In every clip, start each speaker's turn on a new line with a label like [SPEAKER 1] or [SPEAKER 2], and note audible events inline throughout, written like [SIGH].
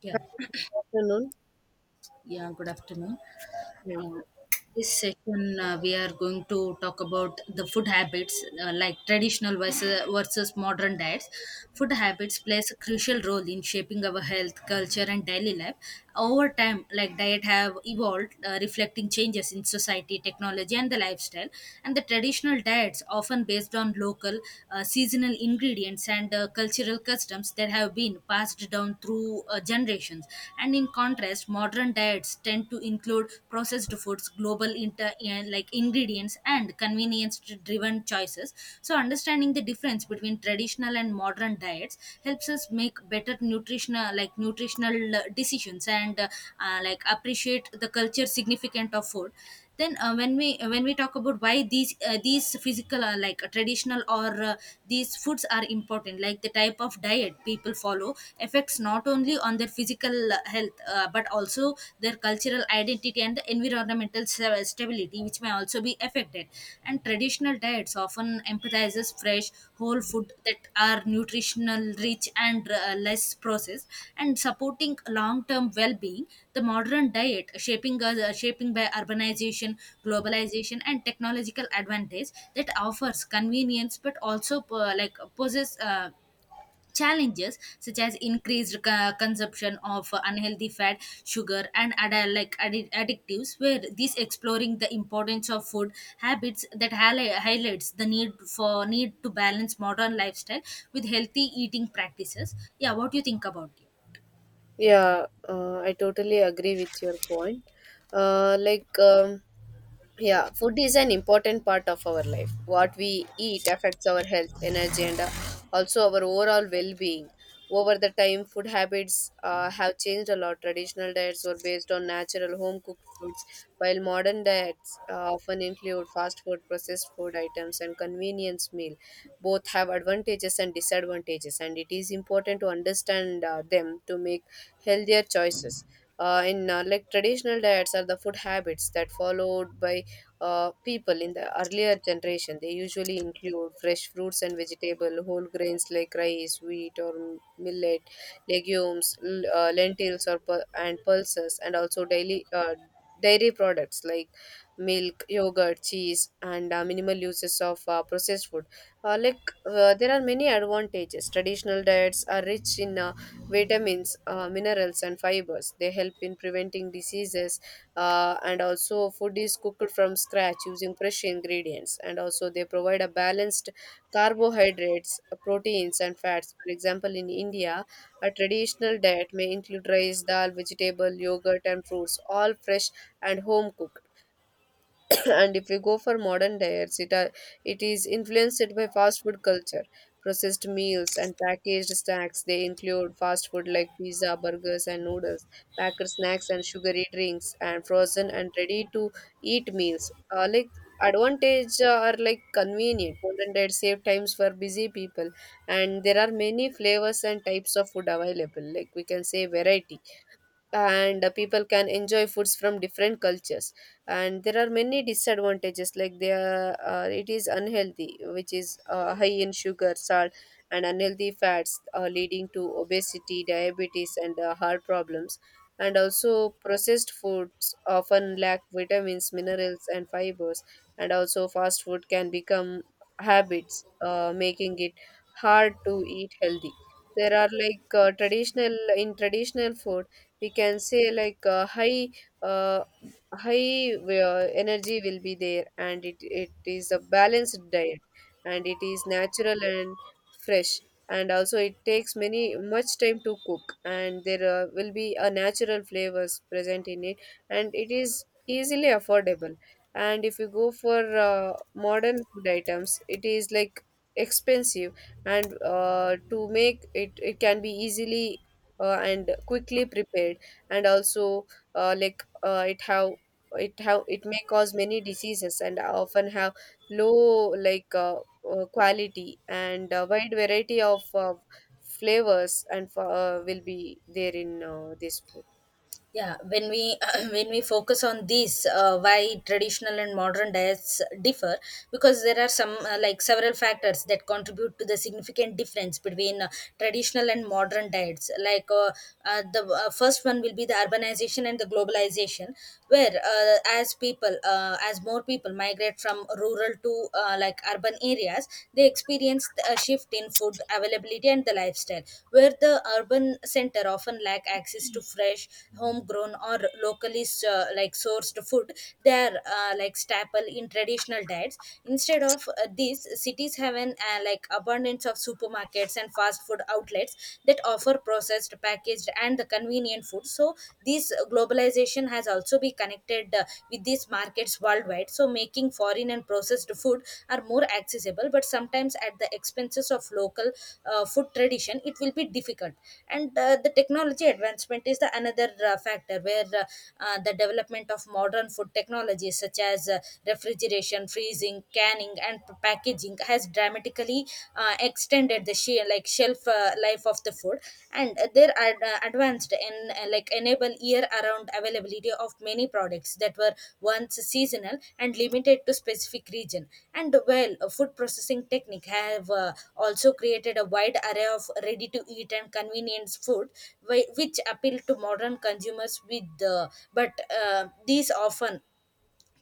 [SPEAKER 1] Yeah,
[SPEAKER 2] Good afternoon.
[SPEAKER 1] yeah, good afternoon. Uh, this session, we are going to talk about the food habits, like traditional versus modern diets. Food habits plays a crucial role in shaping our health, culture, and daily life. Over time, like diet have evolved, reflecting changes in society, technology, and the lifestyle. And the traditional diets, often based on local, seasonal ingredients and cultural customs that have been passed down through generations. And in contrast, modern diets tend to include processed foods, like ingredients, and convenience-driven choices. So, understanding the difference between traditional and modern diets helps us make better nutritional decisions and like appreciate the culture significant of food then when we talk about why these physical traditional or these foods are important, like the type of diet people follow affects not only on their physical health but also their cultural identity and the environmental stability, which may also be affected. And traditional diets markets often emphasizes fresh, whole food that are nutritional rich and less processed, and supporting long-term well-being. The modern diet, shaping by urbanization, globalization, and technological advantage, that offers convenience but also like possess. Challenges such as increased consumption of unhealthy fat, sugar, and addictives, where this exploring the importance of food habits that highlights the need for need to balance modern lifestyle with healthy eating practices. Yeah, what do you think about it?
[SPEAKER 2] Yeah, I totally agree with your point. Uh, like, um, Yeah, food is an important part of our life. What we eat affects our health, energy, and also our overall well being. Over the time, food habits have changed a lot. Traditional diets were based on natural home cooked foods, while modern diets often include fast food, processed food items, and convenience meal. Both have advantages and disadvantages, and it is important to understand them to make healthier choices. In Like, traditional diets are the food habits that followed by people in the earlier generation. They usually include fresh fruits and vegetable, whole grains like rice, wheat or millet, legumes, lentils or and pulses, and also daily dairy products like milk, yogurt, cheese, and minimal uses of processed food. uh, like there are many advantages. Traditional diets are rich in vitamins, minerals and fibers. They help in preventing diseases, and also food is cooked from scratch using fresh ingredients, and also they provide a balanced carbohydrates, proteins and fats. For example, in India, a traditional diet may include rice, dal, vegetable, yogurt and fruits, all fresh and home cooked. [COUGHS] And if we go for modern diets, it is influenced by fast food culture, processed meals and packaged snacks. They include fast food like pizza, burgers and noodles, packed snacks and sugary drinks, and frozen and ready to eat meals. Like advantage Are like, convenient, modern diet save times for busy people, and there are many flavors and types of food available, like we can say variety, and people can enjoy foods from different cultures. And there are many disadvantages like it is unhealthy, which is high in sugar, salt and unhealthy fats, leading to obesity, diabetes and heart problems. And also processed foods often lack vitamins, minerals and fibers. And also fast food can become habits, making it hard to eat healthy. There are like, traditional food, we can say like, uh, high energy will be there, and it is a balanced diet, and it is natural and fresh, and also it takes many much time to cook, and there will be a natural flavors present in it, and it is easily affordable. And if you go for modern food items, it is like expensive, and to make it, it can be easily and quickly prepared. And also, uh, like uh, it have it may cause many diseases, and often have low, quality, and a wide variety of flavors and will be there in this food.
[SPEAKER 1] Yeah, when we [CLEARS THROAT] when we focus on this, why traditional and modern diets differ, because there are some like several factors that contribute to the significant difference between traditional and modern diets, like the first one will be the urbanization and the globalization, where as more people migrate from rural to like urban areas, they experienced a shift in food availability and the lifestyle, where the urban center often lack access to fresh, homegrown or locally like sourced food. They are like staple in traditional diets. Instead of this, cities have an like abundance of supermarkets and fast food outlets that offer processed, packaged, and the convenient food. So this globalization has also be connected with these markets worldwide, so making foreign and processed food are more accessible, but sometimes at the expenses of local food tradition it will be difficult. And the technology advancement is the another factor, where the development of modern food technologies, such as refrigeration, freezing, canning, and packaging has dramatically extended at the shelf life of the food, and they're advanced in like enable year around availability of many products that were once seasonal and limited to specific region. And well food processing technique have also created a wide array of ready to eat and convenience food which appeal to modern consumers with the but these often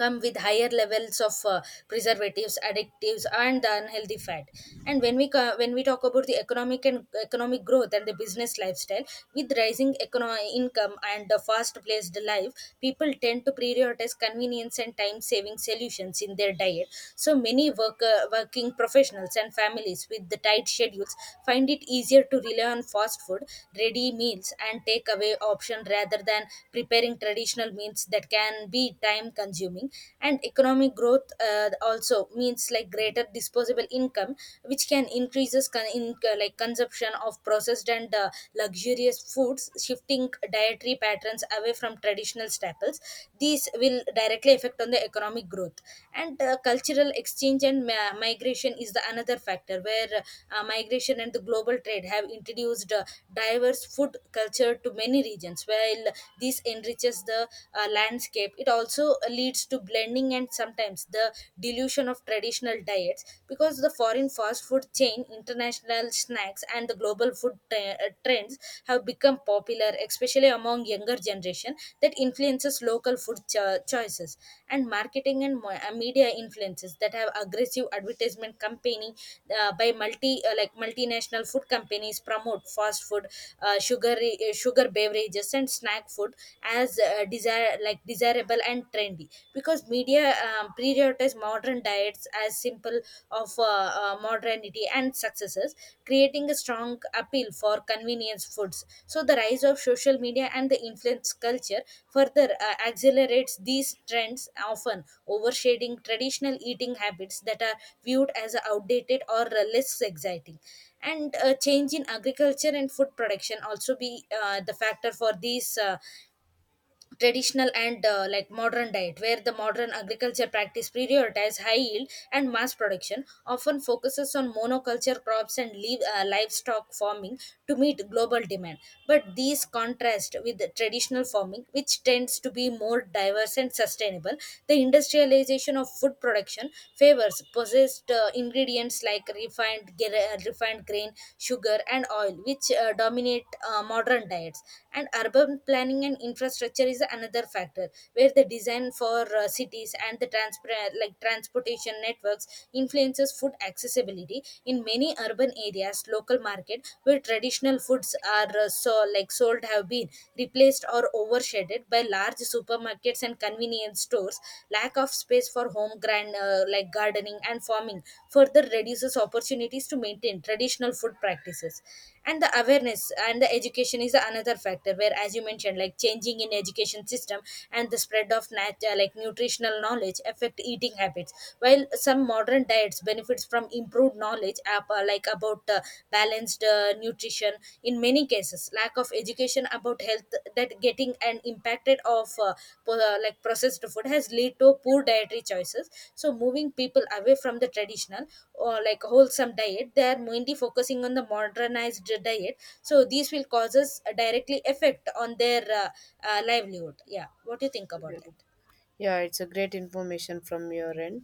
[SPEAKER 1] come with higher levels of preservatives, additives, and the unhealthy fat. And when we when we talk about the economic growth and the business lifestyle, with rising income and the fast paced life, people tend to prioritize convenience and time saving solutions in their diet. So many working professionals and families with the tight schedules find it easier to rely on fast food, ready meals, and takeaway option rather than preparing traditional meals that can be time consuming. And economic growth also means like greater disposable income, which can increases like consumption of processed and luxurious foods, shifting dietary patterns away from traditional staples. These will directly affect on the economic growth. And cultural exchange and migration is the another factor, where migration and the global trade have introduced diverse food culture to many regions. While this enriches the landscape, it also leads to blending and sometimes the dilution of traditional diets, because the foreign fast food chain, international snacks, and the global food trends have become popular especially among younger generation, that influences local food choices. And marketing and media influences that have aggressive advertisement campaigning by multi like multinational food companies promote fast food, sugar beverages, and snack food as desire like desirable and trendy, because media prioritize modern diets as simple of modernity and successes, creating a strong appeal for convenience foods. So the rise of social media and the influence culture further accelerates these trends, often overshading traditional eating habits that are viewed as outdated or less exciting. And a change in agriculture and food production also be the factor for these traditional and like modern diet, where the modern agriculture practice prioritize high yield and mass production, often focuses on monoculture crops and leave, livestock farming to meet global demand. But these contrast with the traditional farming, which tends to be more diverse and sustainable. The industrialization of food production favors possessed ingredients like refined bread, refined grain, sugar, and oil, which dominate modern diets. And urban planning and infrastructure is another factor, where the design for cities and the transportation networks influences food accessibility. In many urban areas, local market where traditional foods are like sold have been replaced or overshadowed by large supermarkets and convenience stores. Lack of space for home grand like gardening and farming further reduces opportunities to maintain traditional food practices. And the awareness and the education is another factor, where, as you mentioned, like changing in education system and the spread of like nutritional knowledge affect eating habits. While some modern diets benefits from improved knowledge like about balanced nutrition, in many cases lack of education about health, that getting and impacted of like processed food has led to poor dietary choices. So moving people away from the traditional or like wholesome diet, they are mainly focusing on the modernized diet. So these will causes a directly effect on their livelihood. Yeah, what do you think about that?
[SPEAKER 2] Yeah, it's a great information from your end.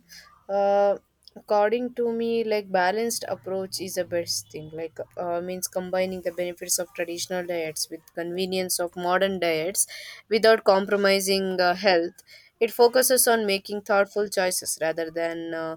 [SPEAKER 2] Uh, According to me, like, balanced approach is the best thing. Like, means combining the benefits of traditional diets with convenience of modern diets, without compromising health. It focuses on making thoughtful choices rather than uh,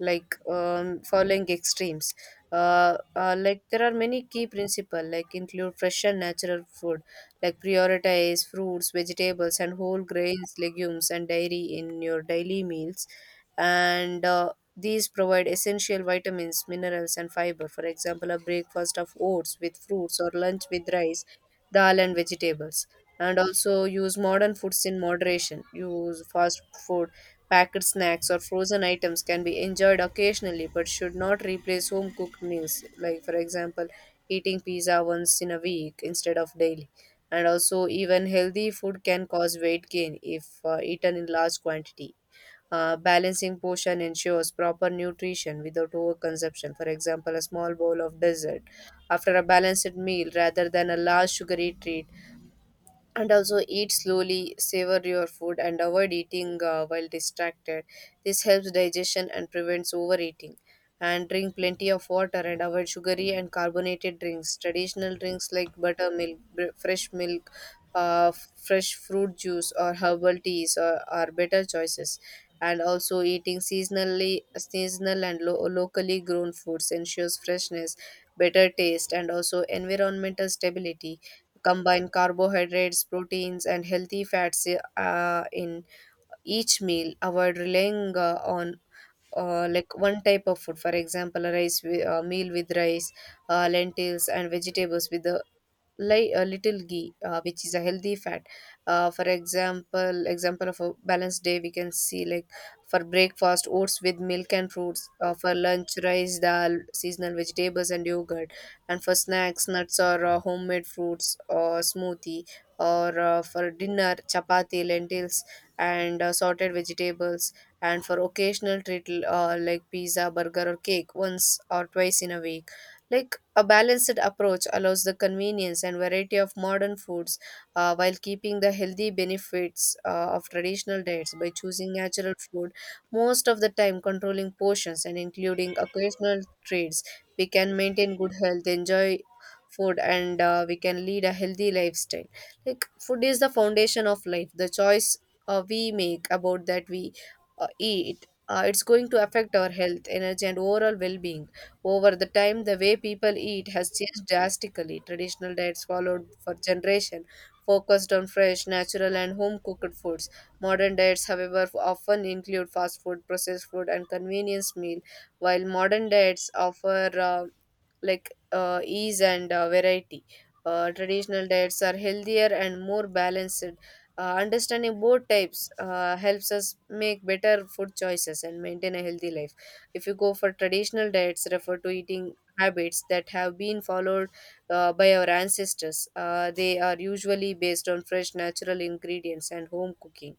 [SPEAKER 2] like um, following extremes. Like, there are many key principle, like include fresh and natural food, like prioritize fruits, vegetables and whole grains, legumes and dairy in your daily meals, and these provide essential vitamins, minerals and fiber. For example, a breakfast of oats with fruits, or lunch with rice, dal and vegetables. And also use modern foods in moderation. Use fast food, packed snacks or frozen items can be enjoyed occasionally but should not replace home cooked meals. Like, for example, eating pizza once in a week instead of daily. And also, even healthy food can cause weight gain if eaten in large quantity. Balancing portion ensures proper nutrition without overconsumption. For example, a small bowl of dessert after a balanced meal rather than a large sugary treat. And also, eat slowly, savor your food and avoid eating while distracted. This helps digestion and prevents overeating. And drink plenty of water and avoid sugary and carbonated drinks. Traditional drinks like buttermilk, fresh milk, fresh fruit juice or herbal teas are better choices. And also, eating seasonally, seasonal and locally grown foods ensures freshness, better taste and also environmental stability. Combine carbohydrates, proteins, and healthy fats in each meal. Avoid relying on like one type of food. For example, a meal with rice, lentils, and vegetables with the like a little ghee, which is a healthy fat. For example of a balanced day, we can see like, for breakfast, oats with milk and fruits; for lunch, rice, dal, seasonal vegetables and yogurt; and for snacks, nuts or homemade fruits or smoothie; or for dinner, chapati, lentils and sorted vegetables; and for occasional treat, like pizza, burger or cake once or twice in a week. Like, a balanced approach allows the convenience and variety of modern foods while keeping the healthy benefits of traditional diets. By choosing natural food most of the time, controlling portions and including occasional treats, we can maintain good health, enjoy food, and we can lead a healthy lifestyle. Like, food is the foundation of life. The choice we make about that we eat, it's going to affect our health, energy and overall well-being. Over the time, the way people eat has changed drastically. Traditional diets followed for generation focused on fresh, natural and home-cooked foods. Modern diets, however, often include fast food, processed food and convenience meal. While modern diets offer ease and variety, traditional diets are healthier and more balanced. Understanding both types helps us make better food choices and maintain a healthy life. If you go for traditional diets, refer to eating habits that have been followed by our ancestors. They are usually based on fresh natural ingredients and home cooking.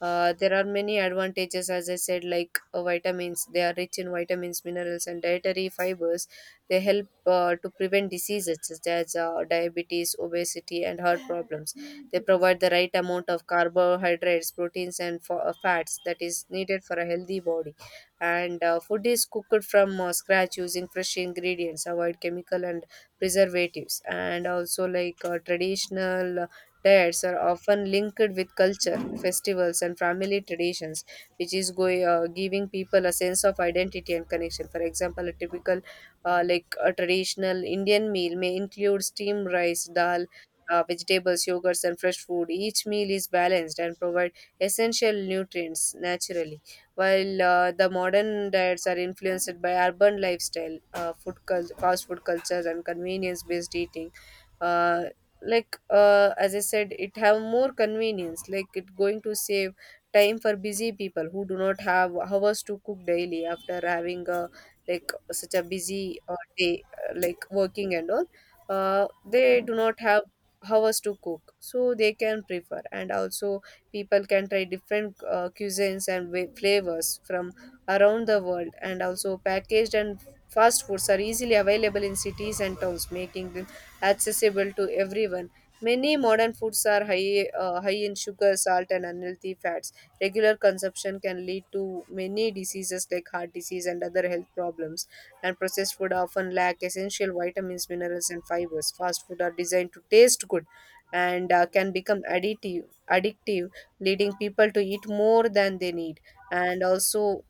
[SPEAKER 2] There are many advantages, as I said, like vitamins. They are rich in vitamins, minerals, and dietary fibers. They help to prevent diseases such as diabetes, obesity, and heart problems. They provide the right amount of carbohydrates, proteins, and fats that is needed for a healthy body. And food is cooked from scratch using fresh ingredients, avoid chemical and preservatives, and also like, traditional diets are often linked with culture, festivals, and family traditions, which is giving people a sense of identity and connection. For example, a typical, like a traditional Indian meal may include steamed rice, dal, vegetables, yogurts, and fresh food. Each meal is balanced and provide essential nutrients naturally, while the modern diets are influenced by urban lifestyle, fast food cultures, and convenience-based eating. uh, as I said, it have more convenience, like it going to save time for busy people who do not have hours to cook daily after having a like such a busy day, like working and all. They do not have hours to cook, so they can prefer. And also people can try different cuisines and flavors from around the world. And also packaged and fast foods are easily available in cities and towns, making them accessible to everyone. Many modern foods are high in sugar, salt, and unhealthy fats. Regular consumption can lead to many diseases like heart disease and other health problems. And processed food often lack essential vitamins, minerals, and fibers. Fast food are designed to taste good and can become addictive, leading people to eat more than they need. And also,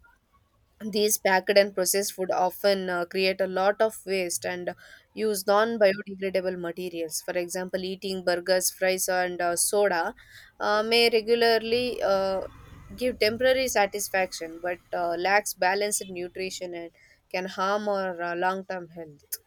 [SPEAKER 2] these packed and processed food often create a lot of waste and use non biodegradable materials. For example, eating burgers, fries, and soda may regularly give temporary satisfaction but lacks balanced nutrition and can harm our long term health.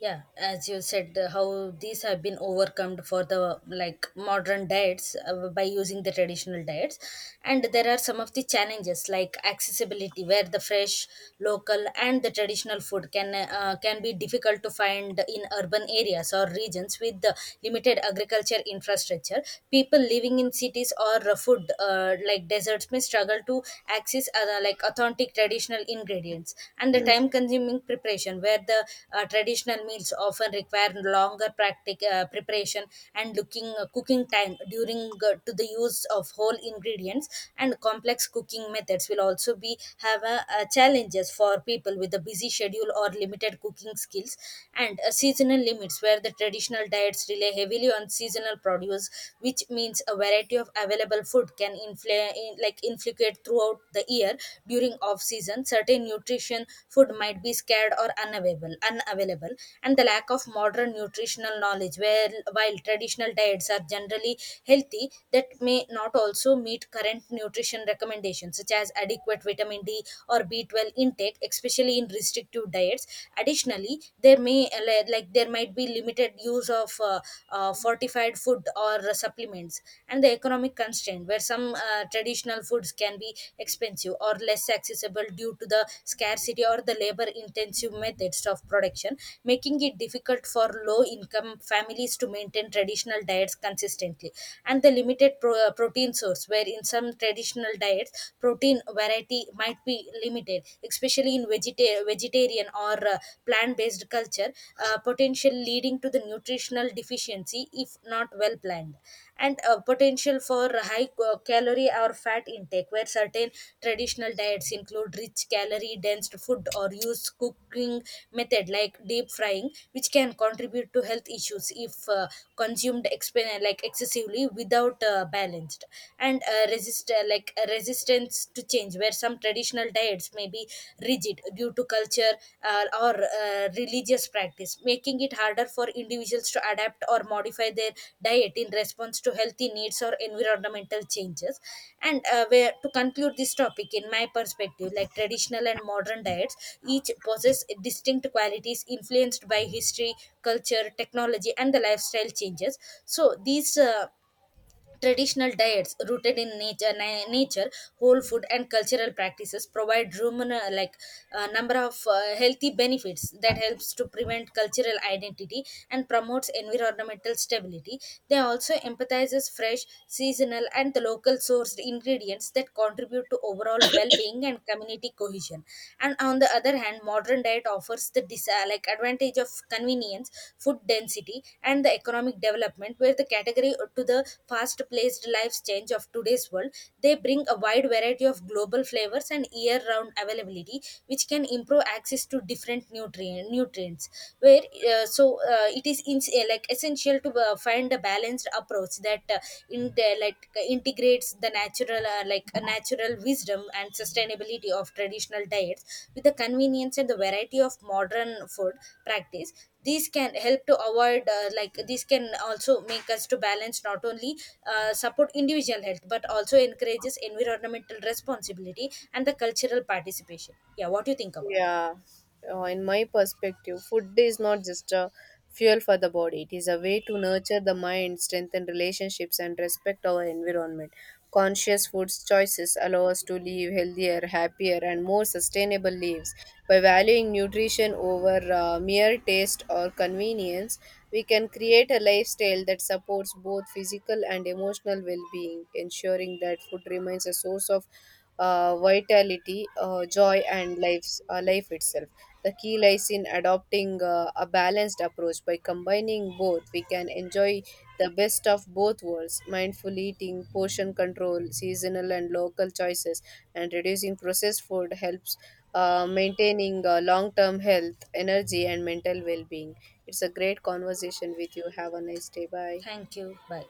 [SPEAKER 1] Yeah, as you said, how these have been overcome for the like modern diets by using the traditional diets. And there are some of the challenges, like accessibility, where the fresh local and the traditional food can be difficult to find in urban areas or regions with the limited agriculture infrastructure. People living in cities or food like deserts may struggle to access like authentic traditional ingredients. And the time consuming preparation, where the traditional meals often require longer preparation and looking cooking time during to the use of whole ingredients and complex cooking methods will also be have a, challenges for people with a busy schedule or limited cooking skills. And seasonal limits, where the traditional diets rely heavily on seasonal produce, which means a variety of available food can like inflicate throughout the year. During off season, certain nutrition food might be scared or unavailable. And the lack of modern nutritional knowledge, where while traditional diets are generally healthy, that may not also meet current nutrition recommendations such as adequate vitamin d or B12 intake, especially in restrictive diets. Additionally, there may like there might be limited use of fortified food or supplements. And the economic constraint, where some traditional foods can be expensive or less accessible due to the scarcity or the labor intensive methods of production, making it difficult for low income families to maintain traditional diets consistently. And the limited protein source, where in some traditional diets protein variety might be limited, especially in vegetarian or plant based culture, potential leading to the nutritional deficiency if not well planned. And potential for high calorie or fat intake, where certain traditional diets include rich calorie dense food or use cooking method like deep frying, which can contribute to health issues if consumed like excessively without balanced. And resistance needs to change, where some traditional diets may be rigid due to culture or religious practice, making it harder for individuals to adapt or modify their diet in response to healthy needs or environmental changes. And where to conclude this topic, in my perspective, like traditional and modern diets each possess distinct qualities influenced by history, culture, technology, and the lifestyle changes. So these traditional diets rooted in nature, whole food, and cultural practices provide like a number of healthy benefits that helps to prevent cultural identity and promotes environmental stability. They also emphasizes fresh, seasonal, and the local sourced ingredients that contribute to overall well-being and community cohesion. And on the other hand, modern diet offers the like advantage of convenience, food density, and the economic development, where the category to the fast paced life change of today's world, they bring a wide variety of global flavors and year round availability, which can improve access to different nutrients, where uh, so it is like essential to find a balanced approach that in there like integrates the natural like a natural wisdom and sustainability of traditional diets with the convenience and the variety of modern food practice. These can help to avoid like this can also make us to balance not only support individual health but also encourages environmental responsibility and the cultural participation. Yeah, what do you think about that?
[SPEAKER 2] Yeah, in my perspective, food is not just a fuel for the body, it is a way to nurture the mind, strengthen relationships, and respect our environment. Conscious food choices allow us to live healthier, happier, and more sustainable lives. By valuing nutrition over mere taste or convenience, we can create a lifestyle that supports both physical and emotional well being, ensuring that food remains a source of vitality, joy, and life itself. The key lies in adopting a balanced approach. By combining both, we can enjoy the best of both worlds: mindful eating, portion control, seasonal and local choices, and reducing processed food helps maintaining long term health, energy, and mental well being. It's a great conversation with you. Have a nice day. Bye.
[SPEAKER 1] Thank you, bye.